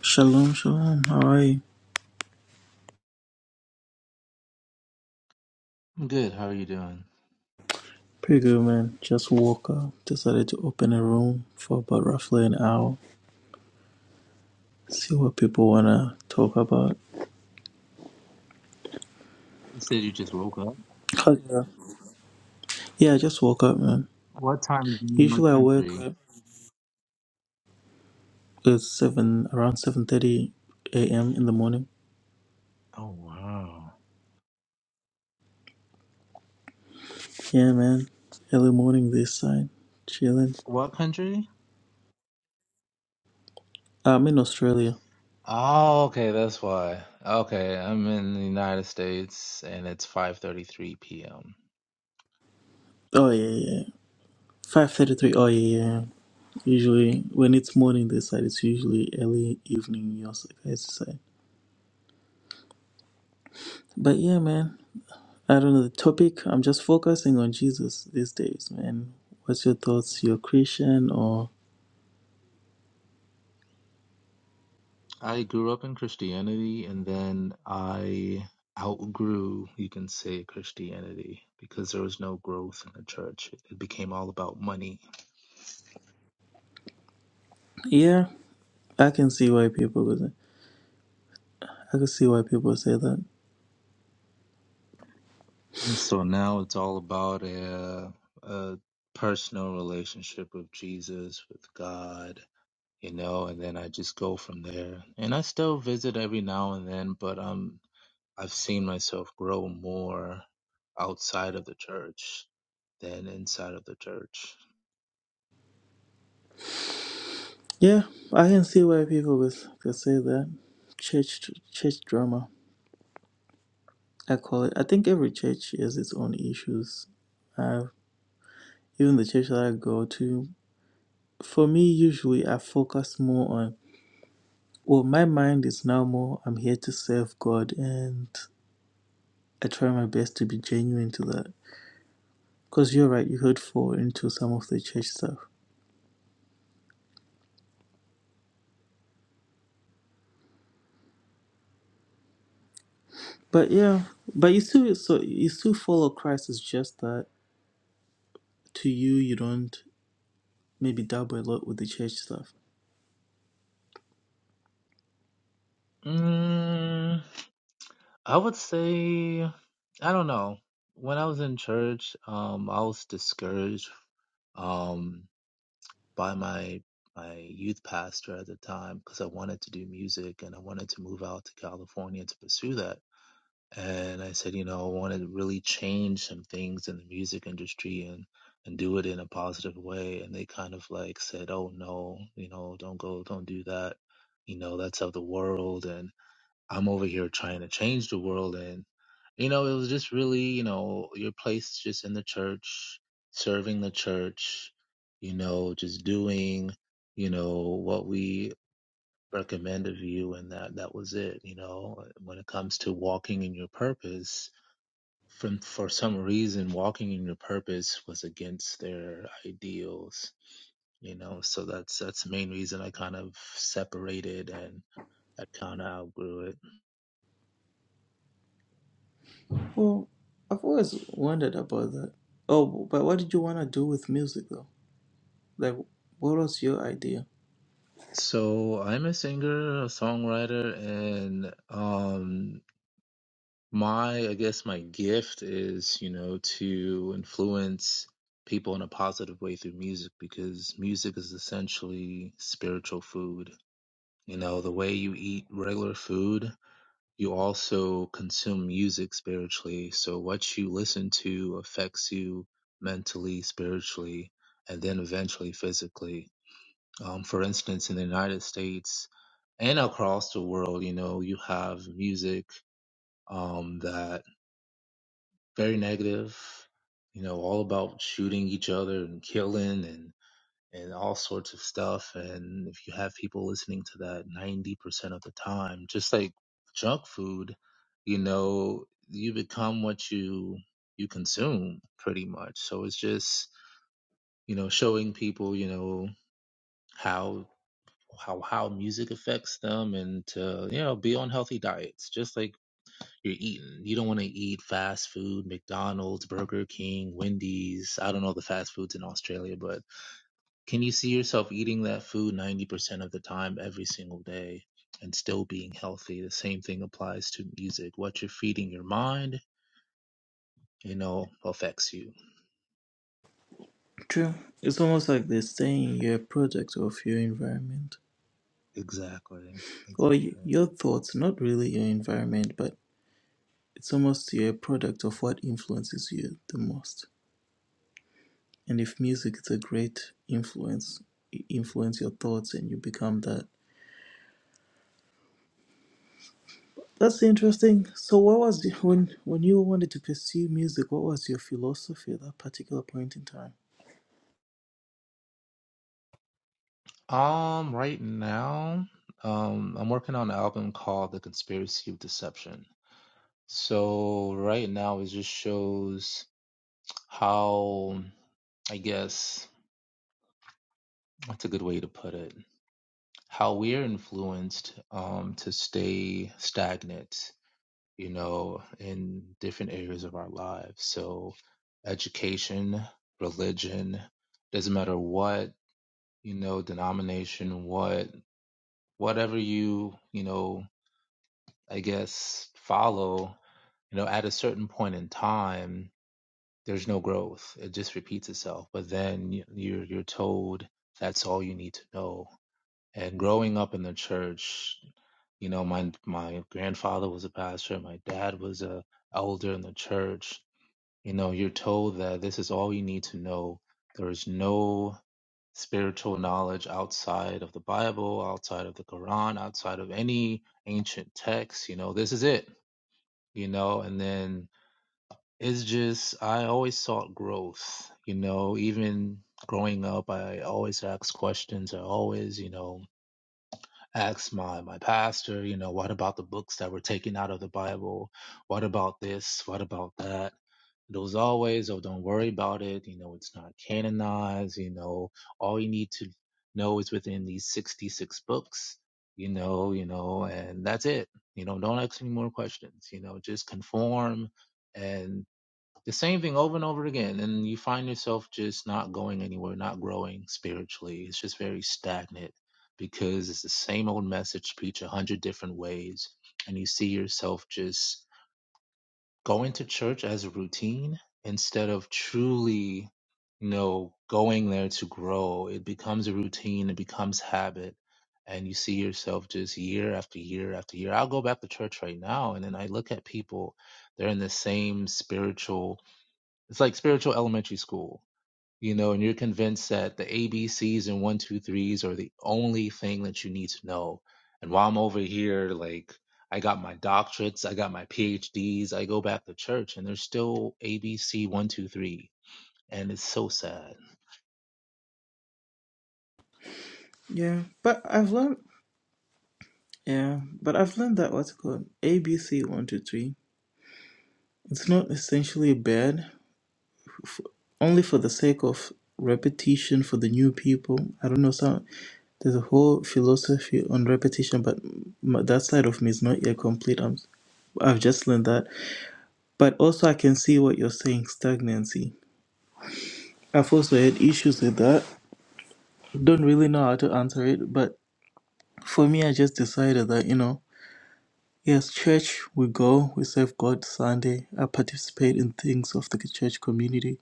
Shalom, shalom. How are you? I'm good. How are you doing? Pretty good, man. Just woke up. Decided to open a room for about roughly an hour. See what people wanna talk about. You said you just woke up. How's your- Yeah, I just woke up, man. What time is it in your Usually I wake country? up at seven, around seven thirty a.m. in the morning. Oh wow. Yeah, man. Early morning this time. Chilling. What country? I'm in Australia. Oh, okay, that's why. Okay, I'm in the United States and it's 5:33 p.m. Oh yeah, yeah. yeah. Five thirty-three. Oh yeah, yeah. yeah. Usually when it's morning this side, it's usually early evening your guys' side. But yeah, man. I don't know the topic. I'm just focusing on Jesus these days, man. What's your thoughts? You're Christian or I grew up in Christianity and then I outgrew, you can say, Christianity because there was no growth in the church. It became all about money. yeah? I can see why people would. I can see why people say that. So now it's all about a, a personal relationship with Jesus, with God, you know, and then I just go from there. And I still visit every now and then, but um, I've seen myself grow more outside of the church than inside of the church. Yeah, I can see why people would, could say that. Church, church drama. I call it. I think every church has its own issues. Uh, even the church that I go to, for me, usually I focus more on. Well, my mind is now more. I'm here to serve God, and I try my best to be genuine to that Because you're right, you could fall into some of the church stuff. But yeah, but you still so you still follow Christ. It's just that to you, you don't maybe dabble a lot with the church stuff. Mm, I would say, I don't know. When I was in church, um, I was discouraged. Um, by my my youth pastor at the time because I wanted to do music and I wanted to move out to California to pursue that. And I said, you know, I want to really change some things in the music industry and and do it in a positive way. And they kind of like said, oh no, you know, don't go, don't do that. You know, that's of the world. and. I'm over here trying to change the world. And, you know, it was just really, you know, your place just in the church, serving the church, you know, just doing, you know, what we recommend of you. And that, that was it, you know, when it comes to walking in your purpose. From, for some reason, walking in your purpose was against their ideals you know so that's that's the main reason i kind of separated and i kind of outgrew it Well, I've always wondered about that. Oh, but what did you want to do with music though? Like, what was your idea? So I'm a singer, a songwriter, and um my I guess my gift is, you know, to influence people in a positive way through music because music is essentially spiritual food. You know, the way you eat regular food, you also consume music spiritually. So what you listen to affects you mentally, spiritually, and then eventually physically. Um, for instance, in the United States and across the world, you know, you have music um, that very negative, you know, all about shooting each other and killing and and all sorts of stuff. And if you have people listening to that 90% of the time, just like junk food, you know, you become what you you consume pretty much. So it's just, you know, showing people, you know, how how how music affects them and to you know be on healthy diets just like you're eating you don't want to eat fast food mcdonald's burger king wendy's i don't know the fast foods in australia but can you see yourself eating that food 90% of the time every single day and still being healthy the same thing applies to music what you're feeding your mind you know affects you True. It's almost like they're saying you're a product of your environment, exactly or y- Exactly. your thoughts. Not really your environment, but it's almost you're a product of what influences you the most. And if music is a great influence, it influence your thoughts and you become that. That's interesting. So what was the, when when you wanted to pursue music, what was your philosophy at that particular point in time? um right now um i'm working on an album called the conspiracy of deception So right now it just shows how, I guess, that's a good way to put it, how we're influenced um, to stay stagnant, you know, in different areas of our lives. So education, religion, doesn't matter what, you know, denomination, what, whatever you, you know, I guess follow, you know, at a certain point in time there's no growth. It just repeats itself. But then y- you're you're told that's all you need to know. And growing up in the church, you know, my my grandfather was a pastor, my dad was a elder in the church. You know, you're told that this is all you need to know. There is no spiritual knowledge outside of the Bible, outside of the Quran, outside of any ancient text. You know, this is it. You know, and then it's just I always sought growth, you know, even growing up I always asked questions. I always, you know, asked my my pastor, you know, what about the books that were taken out of the Bible? What about this? What about that? There was always, oh, don't worry about it. You know, it's not canonized. You know, all you need to know is within these 66 books, you know, you know, and that's it. You know, don't ask any more questions, you know, just conform the same thing over and over again and you find yourself just not going anywhere not growing spiritually it's just very stagnant because it's the same old message preached a hundred different ways and you see yourself just going to church as a routine instead of truly you know going there to grow it becomes a routine it becomes habit and you see yourself just year after year after year i'll go back to church right now and then i look at people they're in the same spiritual it's like spiritual elementary school, you know, and you're convinced that the A B C's and one, two, threes are the only thing that you need to know. And while I'm over here, like, I got my doctorates, I got my PhDs, I go back to church, and there's still ABC one, two, three. And it's so sad. Yeah, but I've learned yeah, but I've learned that what's called ABC one two three. It's not essentially bad, only for the sake of repetition for the new people. I don't know. Some there's a whole philosophy on repetition, but m- that side of me is not yet complete. I'm, I've just learned that But also, I can see what you're saying stagnancy. I've also had issues with that. Don't really know how to answer it, but for me, I just decided that, you know, yes, church, we go, we serve God Sunday, I participate in things of the church community,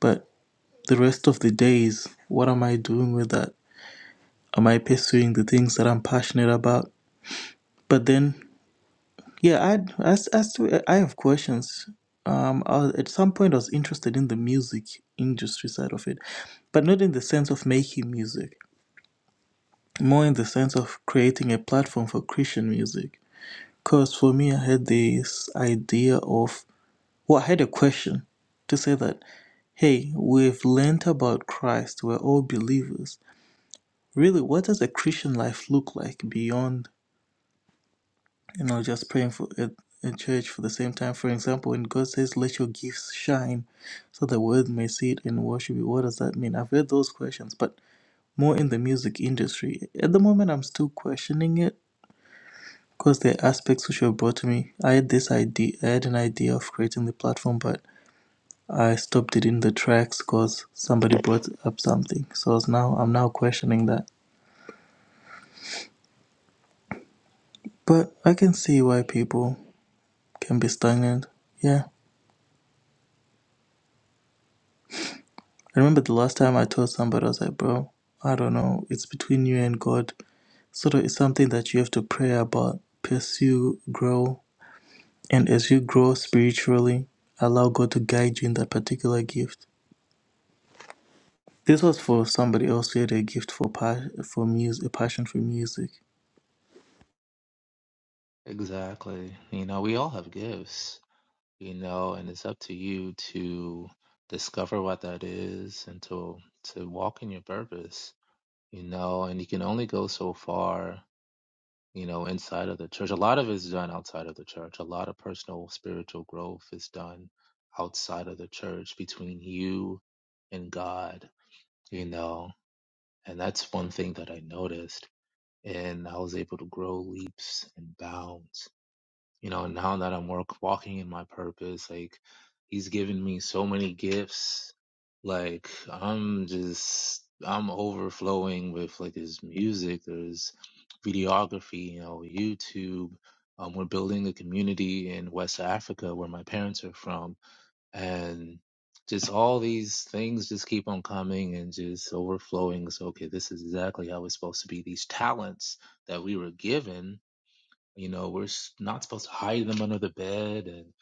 but the rest of the days, what am I doing with that? Am I pursuing the things that I'm passionate about? But then Yeah, I'd, I, s- I still I have questions. Um, I was, at some point I was interested in the music industry side of it, but not in the sense of making music, more in the sense of creating a platform for Christian music. Because for me, I had this idea of, well, I had a question to say that, hey, we've learnt about Christ, we're all believers. Really, what does a Christian life look like beyond you know, just praying for at, at church for the same time. For example, when God says, "Let your gifts shine, so the world may see it and worship you," what does that mean? I've heard those questions, but more in the music industry. At the moment, I'm still questioning it because there are aspects which were brought to me. I had this idea, I had an idea of creating the platform, but I stopped it in the tracks because somebody brought up something. So it's now I'm now questioning that, but I can see why people can be stagnant. Yeah. I remember the last time I told somebody, I was like, bro, I don't know. It's between you and God. Sort of, it's something that you have to pray about, pursue, grow. And as you grow spiritually, allow God to guide you in that particular gift. This was for somebody else who had a gift for pa- for music, a passion for music. Exactly. You know, we all have gifts, you know, and it's up to you to discover what that is and to to walk in your purpose, you know, and you can only go so far you know, inside of the church. A lot of it is done outside of the church. A lot of personal spiritual growth is done outside of the church between you and God, you know. And that's one thing that I noticed. And I was able to grow leaps and bounds you know now that i'm work, walking in my purpose like he's given me so many gifts like i'm just i'm overflowing with like his music there's videography you know youtube um, we're building a community in west africa where my parents are from and just all these things just keep on coming and just overflowing so okay this is exactly how it's supposed to be these talents that we were given you know, we're s- not supposed to hide them under the bed and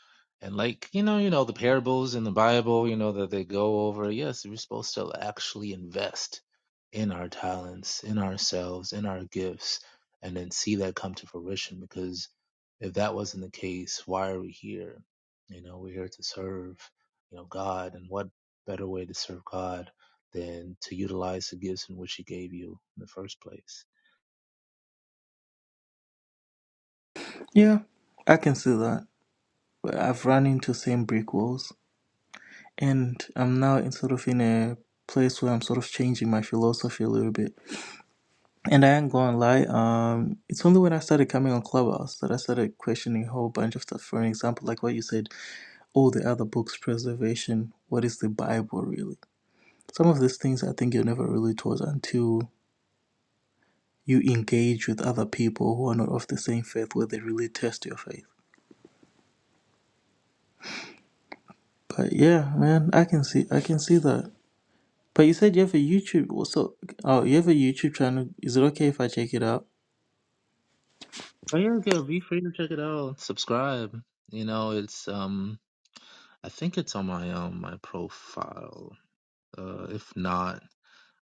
and like you know, you know the parables in the Bible, you know that they go over. Yes, we're supposed to actually invest in our talents, in ourselves, in our gifts, and then see that come to fruition. Because if that wasn't the case, why are we here? You know, we're here to serve, you know, God, and what better way to serve God than to utilize the gifts in which He gave you in the first place? Yeah, I can see that. But I've run into same brick walls, and I'm now in sort of in a place where I'm sort of changing my philosophy a little bit And I ain't gonna lie, um, it's only when I started coming on Clubhouse that I started questioning a whole bunch of stuff. For an example, like what you said, all the other books, preservation, what is the Bible really? Some of these things I think you're never really taught until you engage with other people who are not of the same faith where they really test your faith. But yeah, man, I can see I can see that. But you said you have a YouTube also oh you have a YouTube channel. Is it okay if I check it out? Oh yeah, yeah, be free to check it out. Subscribe. You know, it's um I think it's on my um my profile. Uh if not,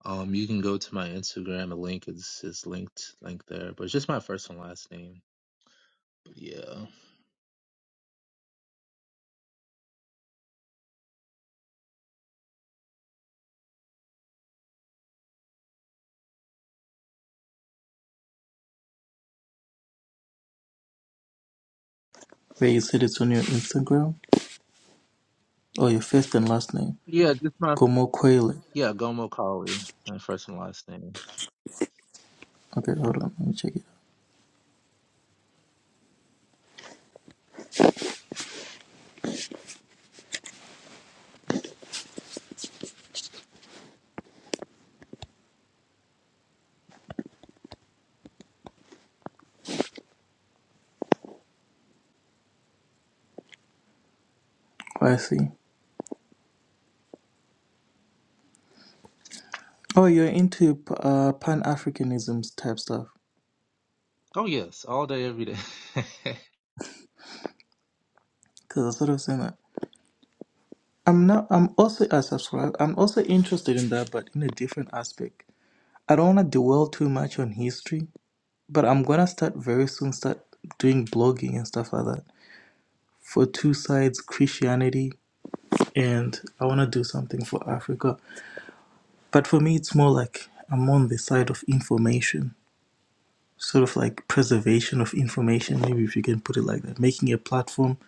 um you can go to my Instagram. The link is is linked linked there. But it's just my first and last name. But yeah. Where you said it's on your Instagram? Or your first and last name. Yeah, just my Gomo yeah, Gomo Kali. My first and last name. Okay, hold on, let me check it. out. Oh, I see. Oh, you're into uh, Pan Africanism type stuff. Oh yes, all day, every day. Because I sort of saying that. I'm not. I'm also. I subscribe. I'm also interested in that, but in a different aspect. I don't want to dwell too much on history, but I'm gonna start very soon. Start doing blogging and stuff like that for two sides Christianity, and I want to do something for Africa. But for me, it's more like I'm on the side of information. sort of like preservation of information, maybe if you can put it like that, making a platform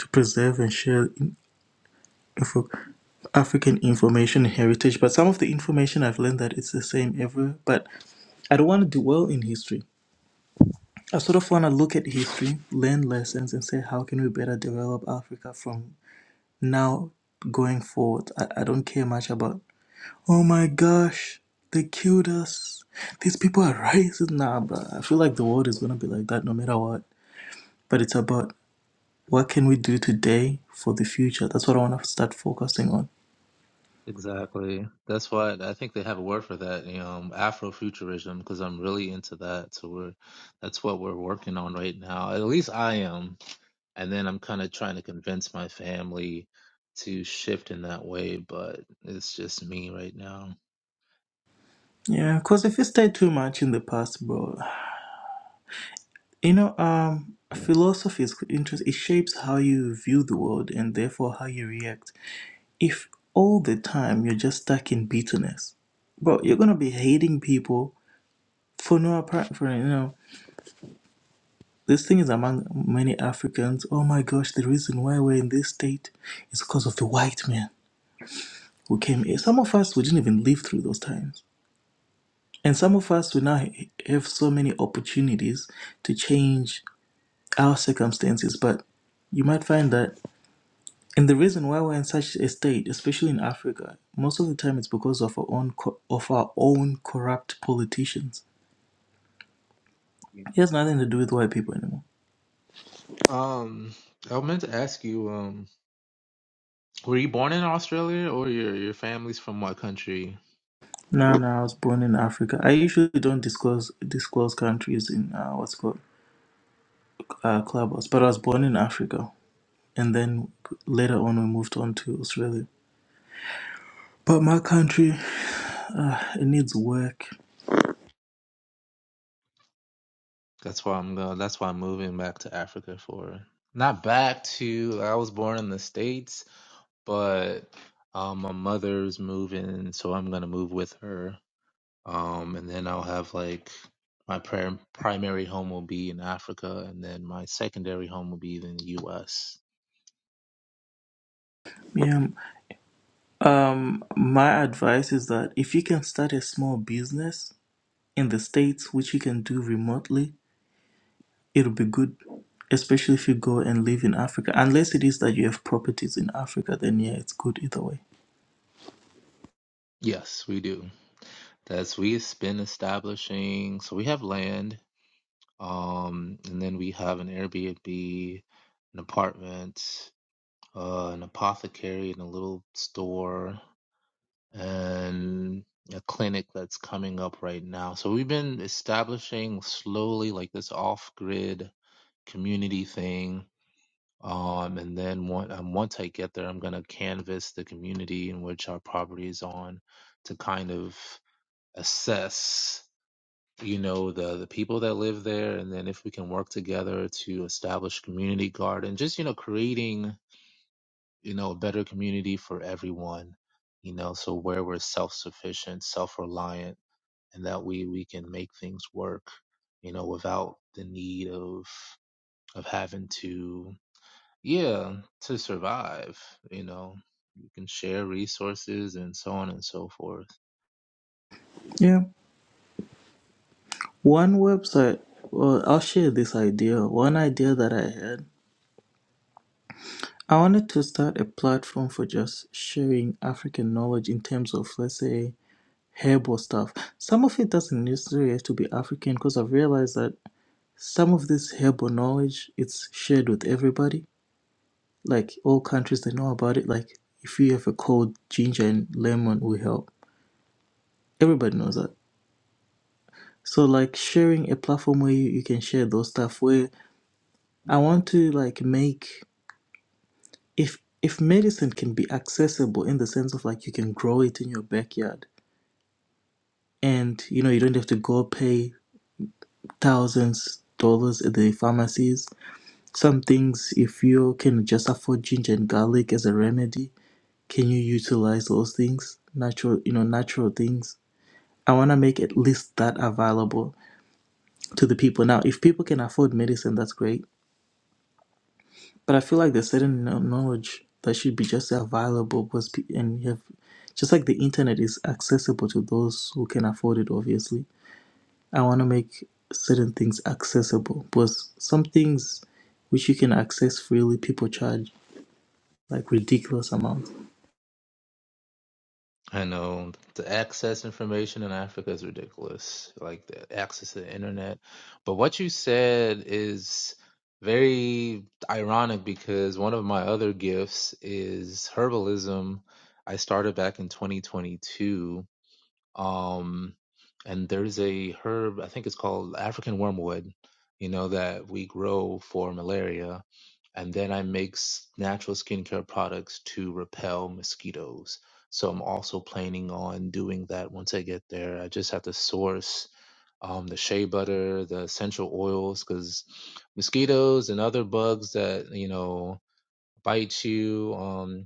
to preserve and share info, African information and heritage. But some of the information I've learned that it's the same everywhere. But I don't want to dwell in history. I sort of want to look at history, learn lessons, and say how can we better develop Africa from now going forward. I, I don't care much about. Oh my gosh, they killed us. These people are racist. Nah, bro. I feel like the world is gonna be like that no matter what. but it's about what can we do today for the future. That's what I want to start focusing on. Exactly. That's why I think they have a word for that, you know, Afrofuturism, because I'm really into that. So we're, that's what we're working on right now. At least I am. And then I'm kind of trying to convince my family to shift in that way, but it's just me right now. Yeah, because if you stay too much in the past, bro, you know, um, philosophy is interesting. It shapes how you view the world and therefore how you react. If all the time you're just stuck in bitterness, bro, you're gonna be hating people for no apparent for you know. This thing is among many Africans. Oh my gosh, the reason why we're in this state is because of the white man who came here. Some of us we didn't even live through those times And some of us, we now have so many opportunities to change our circumstances, but you might find that. And the reason why we're in such a state, especially in Africa, most of the time it's because of our own co- of our own corrupt politicians. It has nothing to do with white people anymore. Um, I meant to ask you, um, were you born in Australia or your your family's from what country? No, no, I was born in Africa. I usually don't disclose disclose countries in uh, what's called uh, Clubhouse, but I was born in Africa, and then later on we moved on to Australia. But my country, it needs work. That's why I'm going. That's why I'm moving back to Africa for not back to. I was born in the states, but um, my mother's moving, so I'm gonna move with her. Um, and then I'll have like my pri- primary home will be in Africa, and then my secondary home will be in the U.S. Yeah. Um, my advice is that if you can start a small business in the States, which you can do remotely, it'll be good, especially if you go and live in Africa. Unless it is that you have properties in Africa, then yeah, it's good either way. Yes, we do. That's we've been establishing. So we have land, um, and then we have an Airbnb, an apartment. uh, an apothecary in a little store and a clinic that's coming up right now. So we've been establishing slowly like this off grid community thing. Um, and then one, um, once I get there, I'm going to canvas the community in which our property is on to kind of assess, you know, the, the people that live there. And then if we can work together to establish community garden, just, you know, creating you know, a better community for everyone, you know, so where we're self sufficient, self reliant, and that we we can make things work, you know, without the need of of having to yeah, to survive, you know. You can share resources and so on and so forth. Yeah. One website, well, I'll share this idea. One idea that I had, I wanted to start a platform for just sharing African knowledge in terms of, let's say, herbal stuff. Some of it doesn't necessarily have to be African because I've realized that some of this herbal knowledge it's shared with everybody like all countries they know about it like if you have a cold ginger and lemon will help everybody knows that so like sharing a platform where you, you can share those stuff where i want to like make if if medicine can be accessible in the sense of like you can grow it in your backyard and you know you don't have to go pay thousands dollars at the pharmacies some things if you can just afford ginger and garlic as a remedy can you utilize those things natural you know natural things i want to make at least that available to the people now if people can afford medicine that's great but i feel like there's certain kno- knowledge that should be just available because pe- and you have just like the internet is accessible to those who can afford it obviously i want to make certain things accessible because some things which you can access freely people charge like ridiculous amounts I know to access information in Africa is ridiculous, like the access to the internet. But what you said is very ironic because one of my other gifts is herbalism. I started back in 2022 um, and there's a herb, I think it's called African wormwood, you know, that we grow for malaria. And then I make s- natural skincare products to repel mosquitoes. So I'm also planning on doing that once I get there. I just have to source um, the shea butter, the essential oils, because mosquitoes and other bugs that you know bite you. Um,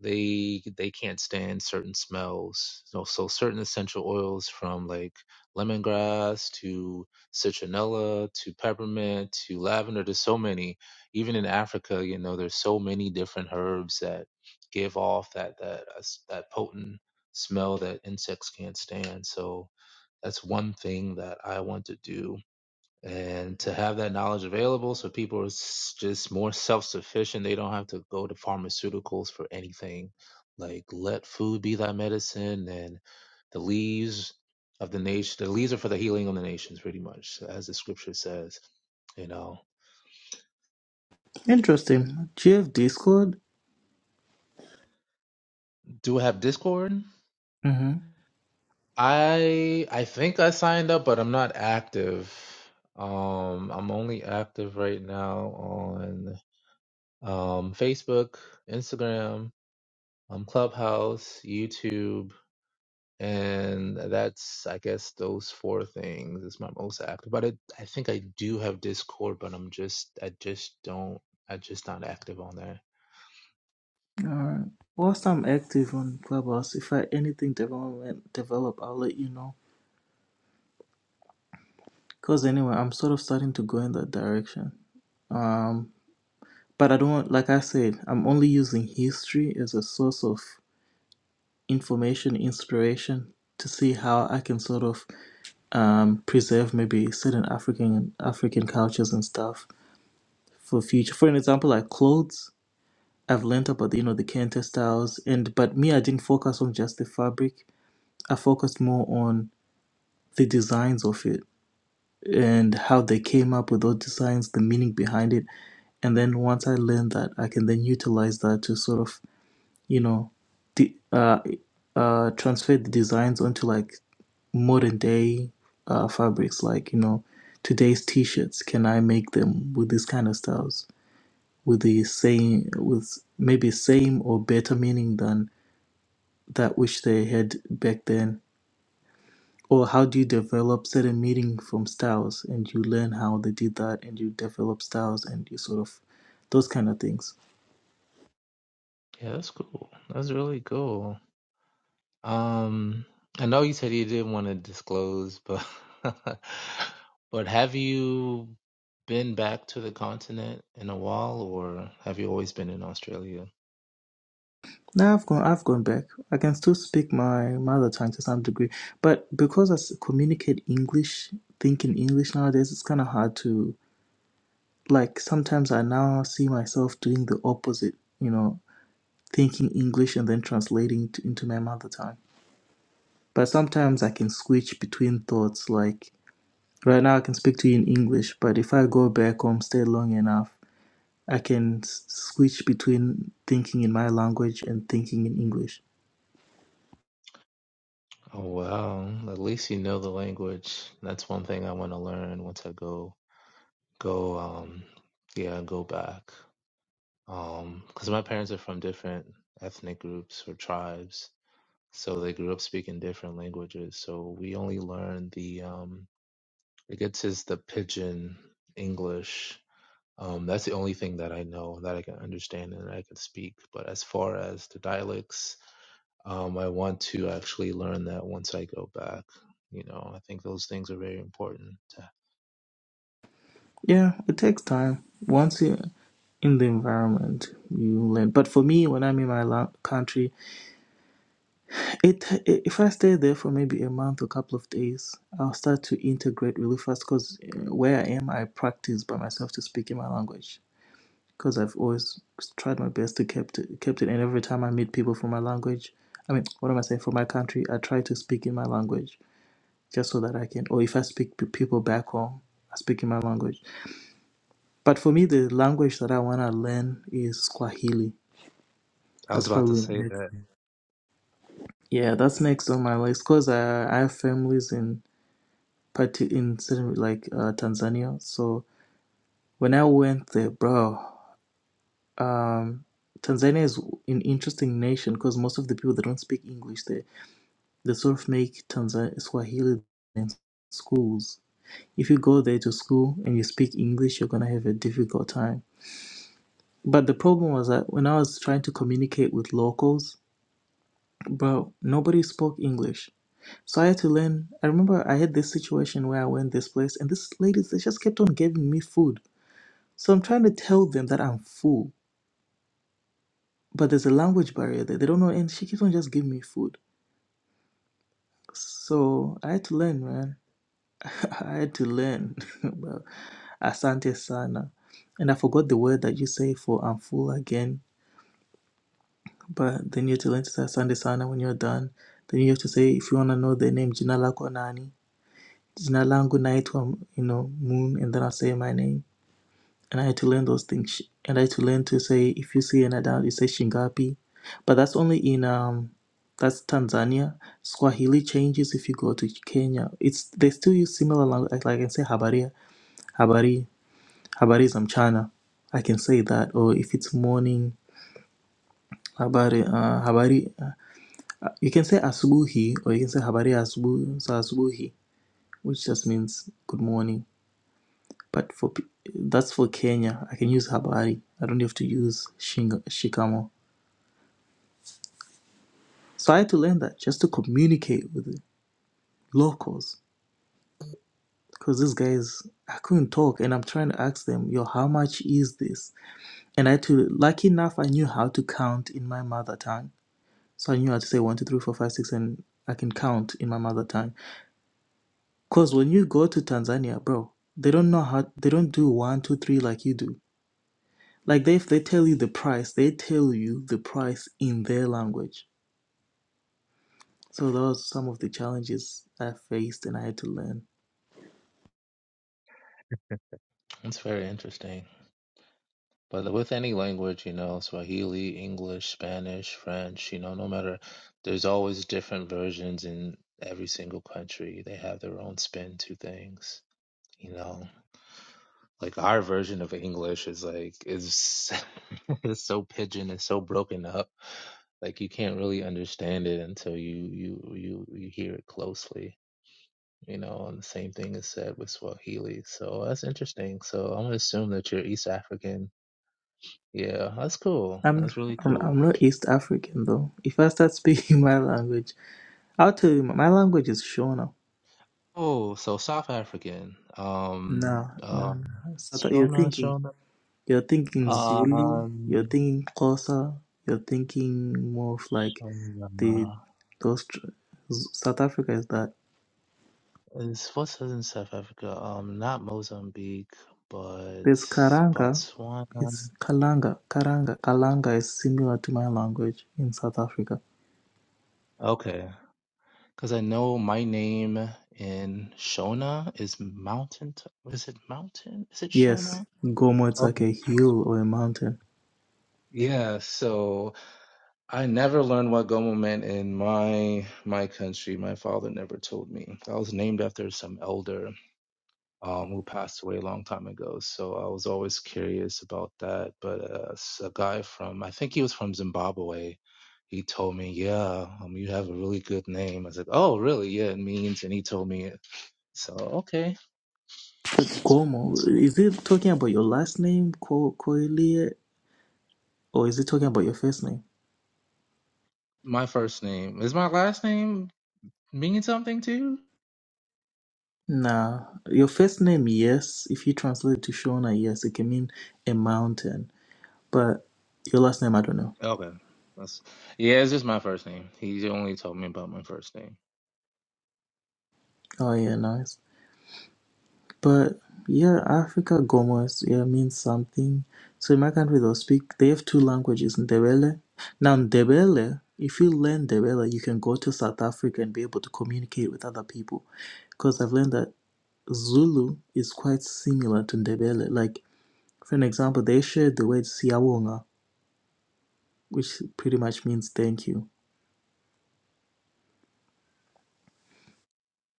they they can't stand certain smells. So, so certain essential oils from like lemongrass to citronella to peppermint to lavender. There's so many. Even in Africa, you know, there's so many different herbs that give off that that uh, that potent smell that insects can't stand. So that's one thing that I want to do and to have that knowledge available so people are s- just more self-sufficient they don't have to go to pharmaceuticals for anything like let food be thy medicine and the leaves of the nation the leaves are for the healing of the nations pretty much as the scripture says you know interesting do you have discord do I have discord mm-hmm. i i think i signed up but i'm not active um i'm only active right now on um facebook instagram um, Clubhouse, YouTube, and that's I guess those four things is my most active. But I, I think I do have Discord, but I'm just I just don't I just not active on there. Alright. Whilst I'm active on Clubhouse, if I anything development develop, I'll let you know. Cause anyway, I'm sort of starting to go in that direction. Um, but I don't want, like I said, I'm only using history as a source of information, inspiration to see how I can sort of um preserve maybe certain African African cultures and stuff for future. For an example, like clothes. I've learned about the you know the Kente styles, and but me, I didn't focus on just the fabric. I focused more on the designs of it and how they came up with those designs, the meaning behind it. And then once I learn that, I can then utilize that to sort of, you know, de- uh, uh, transfer the designs onto like modern day uh, fabrics, like, you know, today's t shirts. Can I make them with this kind of styles? With the same, with maybe same or better meaning than that which they had back then or how do you develop certain meaning from styles and you learn how they did that and you develop styles and you sort of those kind of things Yeah, that's cool. That's really cool. Um, I know you said you didn't want to disclose, but but have you been back to the continent in a while, or have you always been in Australia? now i've gone i've gone back i can still speak my mother tongue to some degree but because i s- communicate english think in english nowadays it's kind of hard to like sometimes i now see myself doing the opposite you know thinking english and then translating to, into my mother tongue but sometimes i can switch between thoughts like Right now, I can speak to you in English, but if I go back home, stay long enough, I can s- switch between thinking in my language and thinking in English. Oh wow, at least you know the language. That's one thing I want to learn once I go go um yeah, go back. Um, because my parents are from different ethnic groups or tribes, so they grew up speaking different languages. So we only learned the um It gets his the pidgin English. Um, that's the only thing that I know that I can understand and I can speak. But as far as the dialects, um, I want to actually learn that once I go back. You know, I think those things are very important. Yeah, it takes time. Once you're in the environment, you learn. But for me, when I'm in my la- country, it i if I stay there for maybe a month or a couple of days, I'll start to integrate really fast because where I am, I practice by myself to speak in my language. because I've always tried my best to kept it, kept it. And every time I meet people from my language, I mean, what am I saying? From my country, I try to speak in my language just so that I can. Or if I speak to people back home, I speak in my language. But for me, the language that I want to learn is Swahili. I was That's about to probably say next. that. Yeah, that's next on my list because I, I have families in parti in certain like uh, Tanzania. So when I went there, bro, um, Tanzania is an interesting nation because most of the people they don't speak English there They sort of make Tanzan Swahili in schools. If you go there to school and you speak English, you're gonna have a difficult time. But the problem was that when I was trying to communicate with locals, bro, nobody spoke English. So I had to learn. I remember I had this situation where I went this place, and this ladies they just kept on giving me food. So I'm trying to tell them that I'm full, but there's a language barrier there. They don't know, and she keeps on just giving me food. So I had to learn, man. I had to learn about Asante Sana. And I forgot the word that you say for I'm full again. But then you have to learn to say Asante Sana when you're done. Then you have to say, if you want to know the name, Jina Lako Nani. Jina Langu Naitwa, you know, Moon. And then I'll say my name. And I had to learn those things. And I had to learn to say, if you see an adult, you say Shingapi. But that's only in, um, that's Tanzania. Swahili changes if you go to Kenya. It's They still use similar language. Like like I can say Habaria, Habari. Habari za mchana. I can say that. Or if it's morning, habari, uh, habari. Uh, You can say asubuhi or you can say habari asubu, za asubuhi, which just means good morning. But for pe- that's for Kenya. I can use habari. I don't have to use shing, shikamo. So I had to learn that just to communicate with the locals because these guys, I couldn't talk and I'm trying to ask them, yo, how much is this? And I had to, lucky enough, I knew how to count in my mother tongue So I knew how to say one, two, three, four, five, six, and I can count in my mother tongue. Cause when you go to Tanzania, bro, they don't know how they don't do one, two, three like you do. Like they if they tell you the price, they tell you the price in their language. So those are some of the challenges I faced and I had to learn. It's very interesting. But with any language, you know, Swahili, English, Spanish, French, you know, no matter, there's always different versions in every single country. They have their own spin to things, you know. like our version of English is like is is so pigeon and so broken up. Like you can't really understand it until you you you you hear it closely. You know, and the same thing is said with Swahili. So that's interesting. So I'm gonna assume that you're East African. Yeah, that's cool. I'm That's really I'm, cool. I'm not East African though. If I start speaking my language, I'll tell you my language is Shona. Oh, so South African. Um, No, no, um, no. So that you're Shona, thinking Shona, You're thinking Zulu, you're um, thinking Xhosa, you're thinking more of like the Shona. those tr- Z- South Africa is that It's for Southern South Africa. Um, not Mozambique, but there's Karanga, Botswana. it's Kalanga, Karanga, Kalanga is similar to my language in South Africa. Okay, because I know my name in Shona is mountain. T- is it mountain? Is it Yes, Shona? Gomo it's like Okay. a hill or a mountain. Yeah. So I never learned what Gomo meant in my my country. My father never told me. I was named after some elder. um, who passed away a long time ago. So I was always curious about that. But uh, s- a guy from, I think he was from Zimbabwe, he told me, yeah, um, you have a really good name. I was like, oh, really? Yeah, it means. And he told me it. So, okay. That's Gomo is it talking about your last name, Ko Koilie, or is it talking about your first name? my first name. Is my last name mean something too? Nah, your first name, yes. If you translate it to Shona, yes, it can mean a mountain But your last name, I don't know. Okay. That's, yeah, it's just my first name. He only told me about my first name. Oh, yeah, nice. But yeah, Africa Gomos, yeah, means something. So in my country, they'll speak, they have two languages, Ndebele. Now, Ndebele, if you learn Ndebele, you can go to South Africa and be able to communicate with other people. Because I've learned that Zulu is quite similar to Ndebele. Like, for an example, they share the word Siawonga, which pretty much means thank you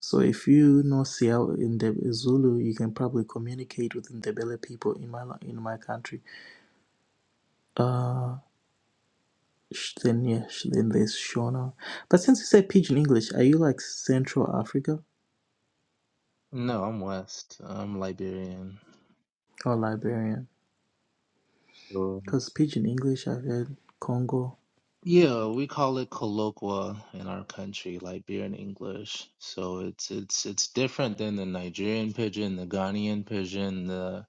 So if you know Siao in the Zulu, you can probably communicate with Ndebele people in my la- in my country. Uh, sh- then yeah, sh- then there's Shona. But since you say Pidgin English, are you like Central Africa No, I'm West. I'm Liberian. or Liberian? So Because Pidgin English, I've heard Congo. Yeah, we call it colloqua in our country, Liberian English. So it's it's it's different than the Nigerian pigeon, the Ghanaian pigeon, the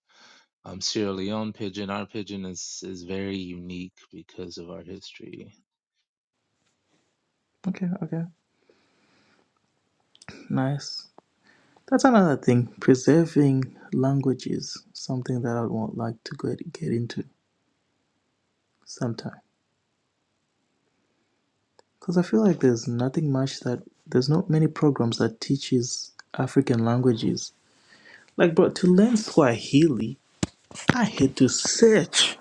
um, Sierra Leone pigeon. Our pigeon is is very unique because of our history. Okay, okay, nice. That's another thing. Preserving languages, something that I would want like to get get into sometime. Because I feel like there's nothing much that there's not many programs that teaches African languages. Like, bro, to learn Swahili, I had to search.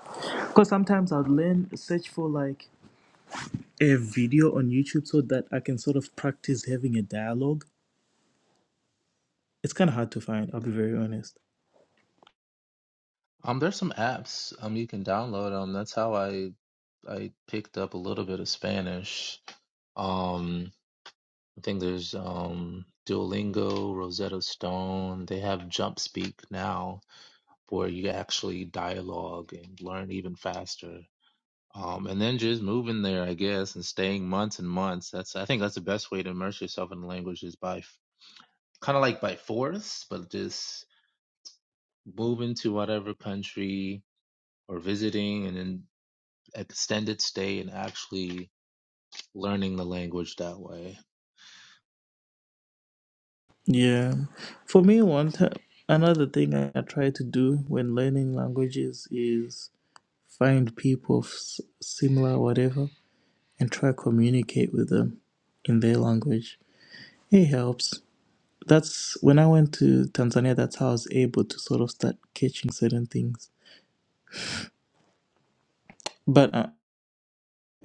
Because sometimes I'd learn search for like a video on YouTube so that I can sort of practice having a dialogue. It's kind of hard to find. I'll be very honest. Um, there's some apps um you can download. Um, that's how I I picked up a little bit of Spanish. Um, I think there's um Duolingo, Rosetta Stone. They have Jump Speak now where you actually dialogue and learn even faster. Um, and then just moving there, I guess, and staying months and months. That's I think that's the best way to immerse yourself in the language is by kind of like by force, but just moving to whatever country or visiting and then extended stay and actually learning the language that way. Yeah, for me, one time, another thing I, I try to do when learning languages is find people of s- similar whatever and try to communicate with them in their language. It helps. That's when I went to Tanzania, that's how I was able to sort of start catching certain things. But I,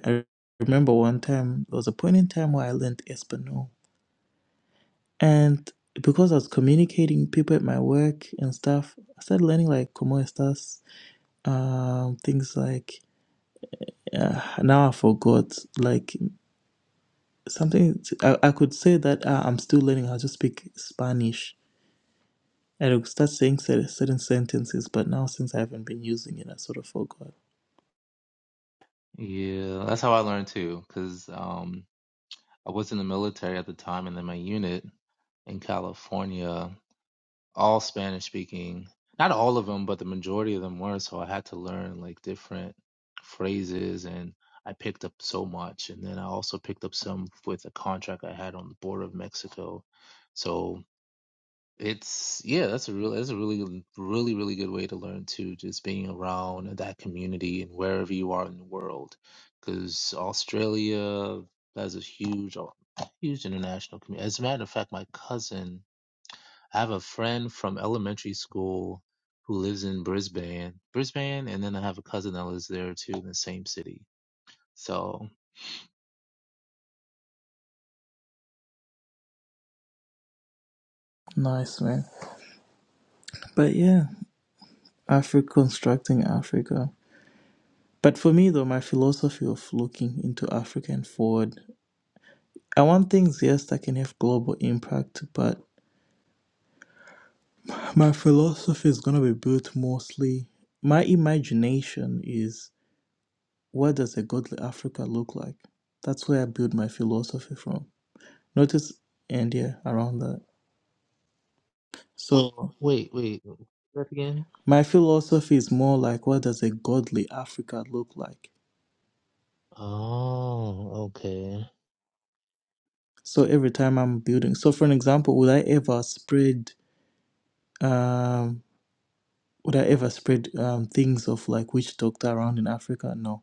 I remember one time, there was a point in time where I learned Espanol. And because I was communicating people at my work and stuff, I started learning like como estas, um, things like, uh, now I forgot, like something I, I could say that uh, I'm still learning how to speak Spanish I would start saying certain sentences, but now since I haven't been using it, I sort of forgot. Yeah, that's how I learned too, because um, I was in the military at the time and then my unit in California. all Spanish speaking. Not all of them, but the majority of them were. So I had to learn like different phrases and I picked up so much. And then I also picked up some with a contract I had on the border of Mexico. So it's, yeah, that's a real, that's a really, really, really good way to learn too, just being around that community and wherever you are in the world. Because Australia has a huge, huge international community. As a matter of fact, my cousin I have a friend from elementary school who lives in Brisbane, Brisbane, and then I have a cousin that lives there too in the same city. So Nice, man. But yeah, Africa, constructing Africa. But for me, though, my philosophy of looking into Africa and forward, I want things, yes, that can have global impact, but my philosophy is going to be built mostly. My imagination is what does a godly Africa look like? That's where I build my philosophy from. Notice, and yeah, around that. So. wait, wait, that again? My philosophy is more like what does a godly Africa look like? Oh, okay, So every time I'm building, so for an example, would I ever spread um would I ever spread um things of like witch doctor around in Africa? No.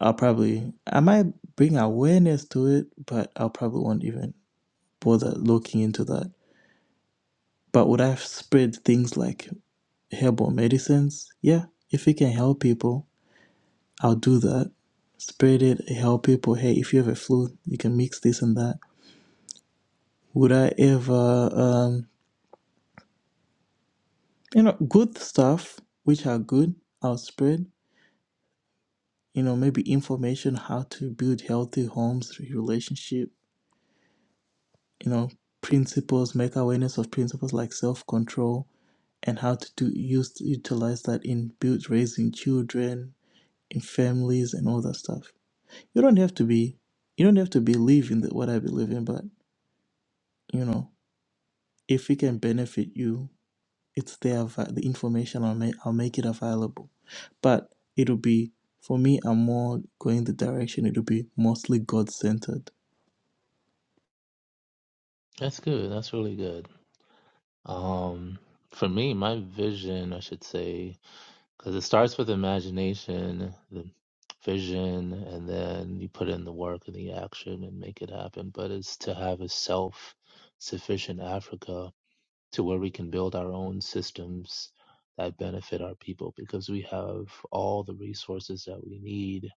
I'll probably I might bring awareness to it, but I'll probably won't even bother looking into that. But would I have spread things like herbal medicines? Yeah. If it can help people, I'll do that. Spread it, help people. Hey, if you have a flu, you can mix this and that Would I ever, um, you know, good stuff, which are good, I'll spread, you know, maybe information how to build healthy homes, relationship, you know, principles, make awareness of principles like self control and how to do use utilize that in build raising children, in families and all that stuff. You don't have to be you don't have to believe in the, what I believe in, but you know, if it can benefit you it's there the information I'll make I'll make it available. But it'll be for me I'm more going the direction it'll be mostly God centered. that's good. That's really good. Um, for me, my vision, I should say, because it starts with imagination, the vision, and then you put in the work and the action and make it happen. But it's to have a self-sufficient Africa to where we can build our own systems that benefit our people because we have all the resources that we need.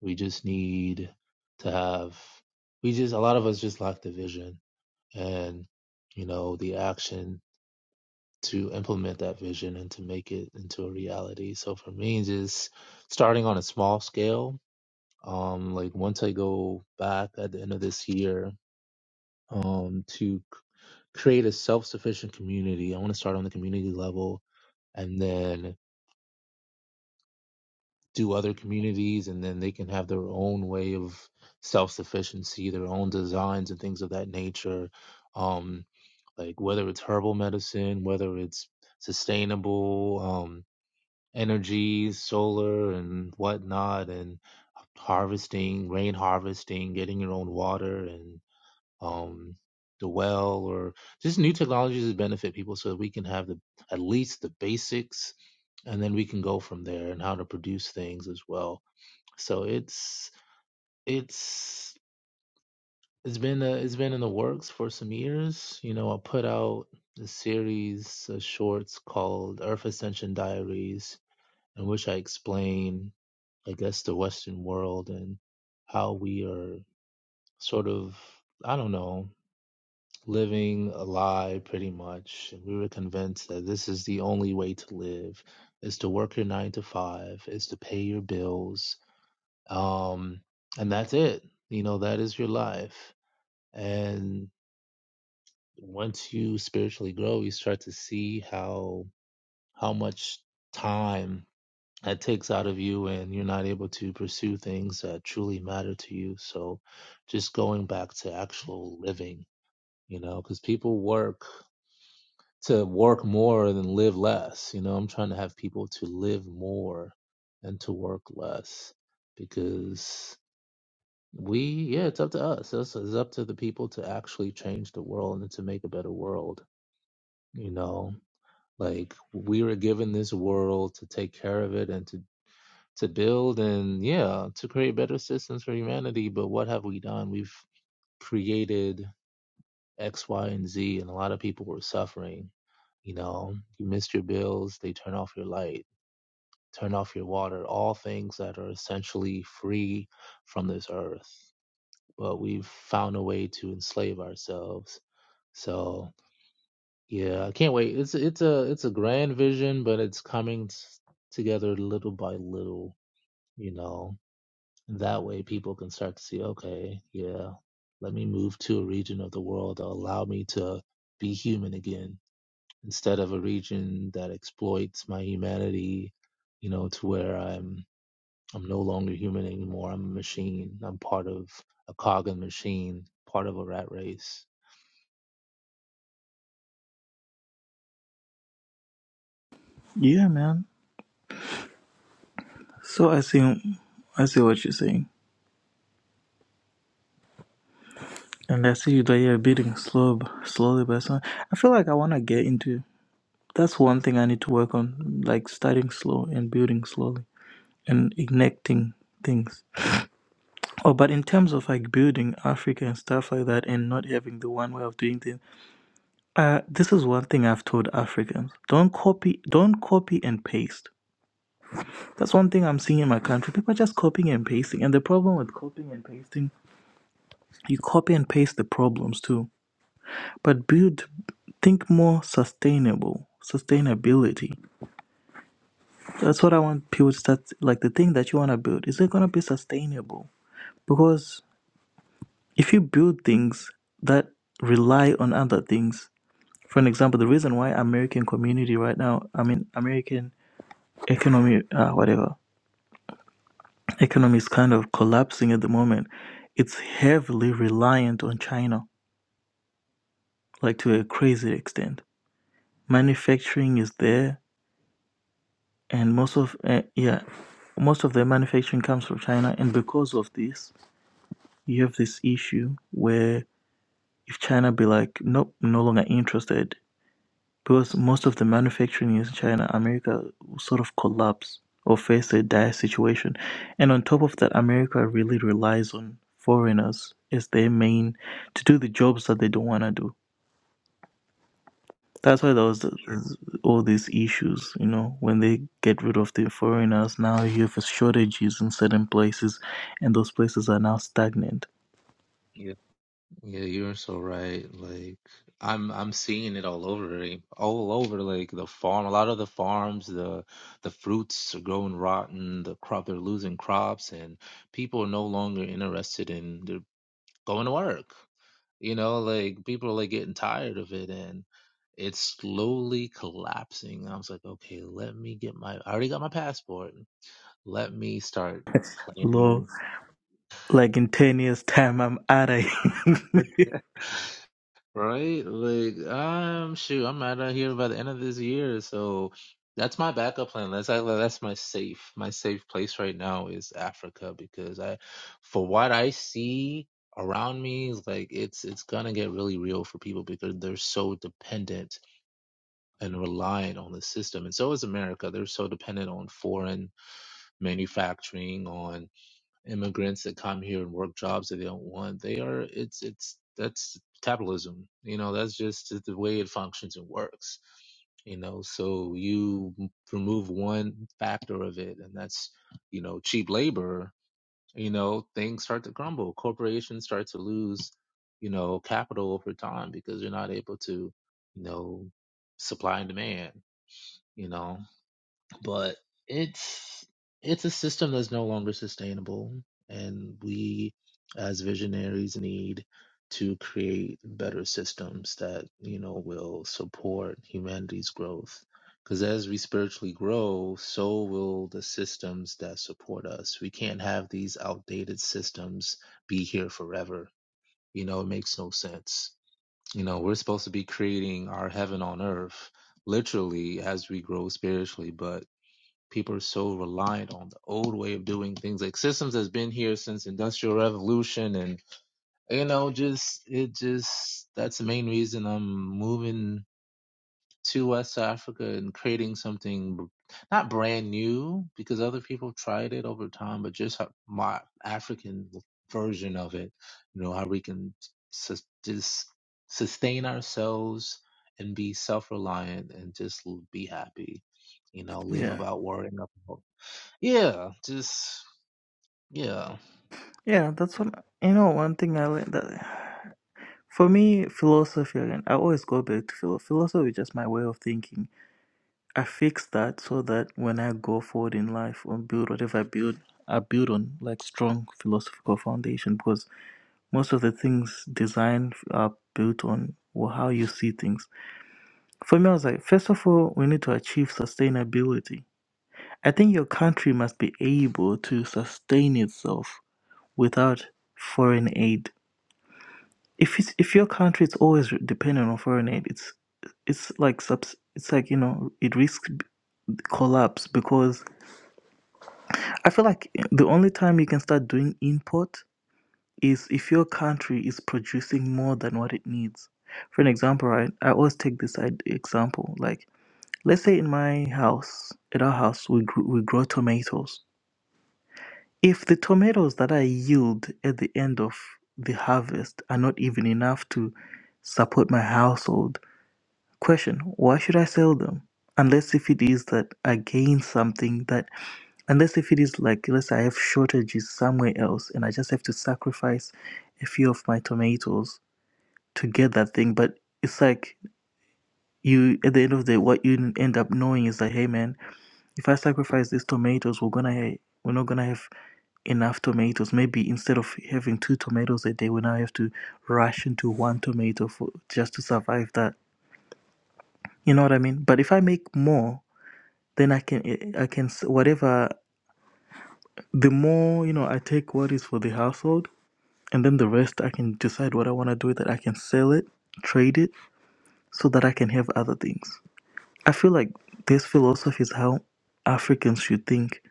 We just need to have, we just, a lot of us just lack the vision and, you know, the action to implement that vision and to make it into a reality. So for me, just starting on a small scale, um, like once I go back at the end of this year um, to c- create a self-sufficient community. I want to start on the community level and then do other communities, and then they can have their own way of self-sufficiency, their own designs and things of that nature. Um, like whether it's herbal medicine, whether it's sustainable um, energy, solar and whatnot, and harvesting, rain harvesting, getting your own water, um, the well, or just new technologies that benefit people, so that we can have the at least the basics, and then we can go from there and how to produce things as well. So it's it's it's been uh it's been in the works for some years. You know, I put out a series of shorts called Earth Ascension Diaries, in which I explain, I guess, the Western world and how we are sort of I don't know living a lie pretty much. And we were convinced that this is the only way to live is to work your nine to five, is to pay your bills. Um, and that's it. You know, that is your life. And once you spiritually grow, you start to see how how much time that takes out of you and you're not able to pursue things that truly matter to you. So just going back to actual living, you know, because people work to work more than live less. You know, I'm trying to have people to live more and to work less because we, yeah, it's up to us. It's, it's up to the people to actually change the world and to make a better world. You know, like we were given this world to take care of it and to to build and yeah to create better systems for humanity but what have we done we've created X, Y, and Z, and a lot of people were suffering. You know, you missed your bills, they turn off your light, turn off your water, all things that are essentially free from this earth. But we've found a way to enslave ourselves. So yeah, I can't wait. It's it's a it's a grand vision, but it's coming s- together little by little. You know, that way people can start to see. Okay, yeah, let me move to a region of the world that allow me to be human again instead of a region that exploits my humanity, you know, to where I'm I'm no longer human anymore. I'm a machine. I'm part of a cog in a machine, part of a rat race. Yeah man. So I see I see what you're saying. And I see that you're building slow slowly by slow. I feel like I wanna get into that's one thing I need to work on, like starting slow and building slowly and igniting things. Oh, but in terms of like building Africa and stuff like that, and not having the one way of doing things, Uh, this is one thing I've told Africans. Don't copy don't copy and paste. That's one thing I'm seeing in my country. People are just copying and pasting. And the problem with copying and pasting, you copy and paste the problems too. But build think more sustainable. Sustainability. That's what I want people to start like the thing that you wanna build, is it gonna be sustainable? Because if you build things that rely on other things, for an example, the reason why American community right now, I mean American economy, uh, whatever, economy is kind of collapsing at the moment. It's heavily reliant on China, like to a crazy extent. Manufacturing is there, and most of uh, yeah, most of the manufacturing comes from China, and because of this, you have this issue where if China be like, nope, no longer interested, because most of the manufacturing is in China, America sort of collapse or face a dire situation. And on top of that, America really relies on foreigners as their main to do the jobs that they don't want to do. That's why there was th- th- all these issues, you know, when they get rid of the foreigners, now you have shortages in certain places, and those places are now stagnant. Yeah. Yeah, you're so right. Like I'm I'm seeing it all over, eh, all over like the farm. A lot of the farms, the the fruits are growing rotten, the crop they're losing crops and people are no longer interested in they're going to work. You know, like people are like getting tired of it and it's slowly collapsing. I was like, okay, let me get my I already got my passport. Let me start Low, planning. like in 10 years' time, I'm out of here. Right? Like, I'm shoot, I'm out of here by the end of this year. So that's my backup plan. That's like, that's my safe, my safe place right now is Africa because I, for what I see around me, is like it's it's gonna get really real for people because they're so dependent and reliant on the system, and so is America. They're so dependent on foreign manufacturing, on immigrants that come here and work jobs that they don't want. They are it's it's that's capitalism. You know, that's just the way it functions and works. You know, so you remove one factor of it, and that's you know cheap labor. You know, things start to crumble. Corporations start to lose you know capital over time because you're not able to you know supply and demand. You know, but it's it's a system that's no longer sustainable and we as visionaries need to create better systems that you know will support humanity's growth because as we spiritually grow so will the systems that support us we can't have these outdated systems be here forever you know it makes no sense you know we're supposed to be creating our heaven on earth literally as we grow spiritually but People are so reliant on the old way of doing things. Like systems has been here since industrial revolution, and you know, just it just that's the main reason I'm moving to West Africa and creating something not brand new because other people have tried it over time, but just my African version of it. You know how we can sus- just sustain ourselves and be self reliant and just l- be happy. You know, live yeah. about worrying about. Yeah, just yeah. Yeah, that's what, you know, one thing I learned that. For me, philosophy again, I always go back to philosophy. Philosophy is just my way of thinking. I fix that so that when I go forward in life or build whatever I build, I build on like strong philosophical foundation because most of the things designed are built on well, how you see things. For me, I was like, first of all, we need to achieve sustainability. I think your country must be able to sustain itself without foreign aid if it's, if your country is always dependent on foreign aid, it's it's like subs, it's like you know it risks b- collapse because I feel like eh, the only time you can start doing import is if your country is producing more than what it needs. For an example, right? I always take this id- example. Like, let's say in my house, at our house, we grew, we grow tomatoes. If the tomatoes that I yield at the end of the harvest are not even enough to support my household Question Why should I sell them? Unless if it is that I gain something that, unless if it is like, let's say I have shortages somewhere else and I just have to sacrifice a few of my tomatoes to get that thing. But it's like you, at the end of the day, what you end up knowing is that, hey man, if I sacrifice these tomatoes, we're gonna, ha- we're not gonna have enough tomatoes. Maybe instead of having two tomatoes a day, we now have to ration to one tomato for just to survive that. You know what I mean? But if I make more, then I can eh, I can s- whatever the more you know I take what is for the household and then the rest I can decide what I want to do with it I can sell it trade it so that I can have other things I feel like this philosophy is how Africans should think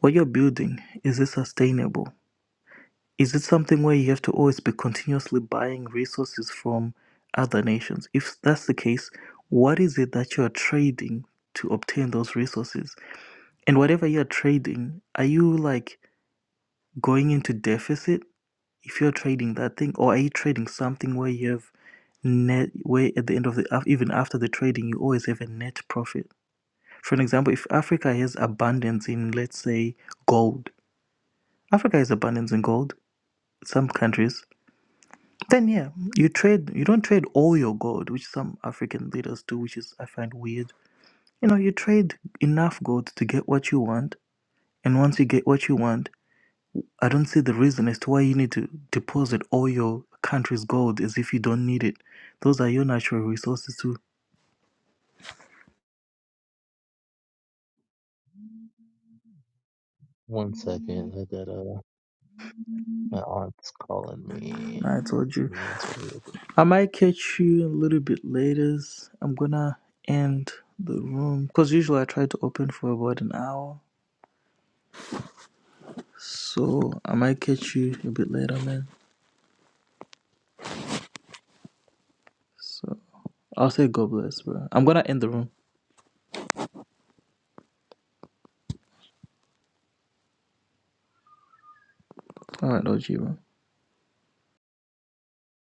what you're building is it sustainable is it something where you have to always be continuously buying resources from other nations if that's the case what is it that you're trading to obtain those resources and whatever you're trading are you like going into deficit if you're trading that thing or are you trading something where you have net where at the end of the even after the trading you always have a net profit for an example if africa has abundance in let's say gold africa has abundance in gold some countries then yeah you trade you don't trade all your gold which some african leaders do which is i find weird you know you trade enough gold to get what you want and once you get what you want I don't see the reason as to why you need to deposit all your country's gold as if you don't need it. Those are your natural resources too. One second, I got uh my aunt's calling me. Nah, I told Let you. me answer real I might catch you a little bit later. I'm gonna end the room because usually I try to open for about an hour. So I might catch you a bit later, man. So I'll say God bless, bro. I'm gonna end the room. All right, OG, bro.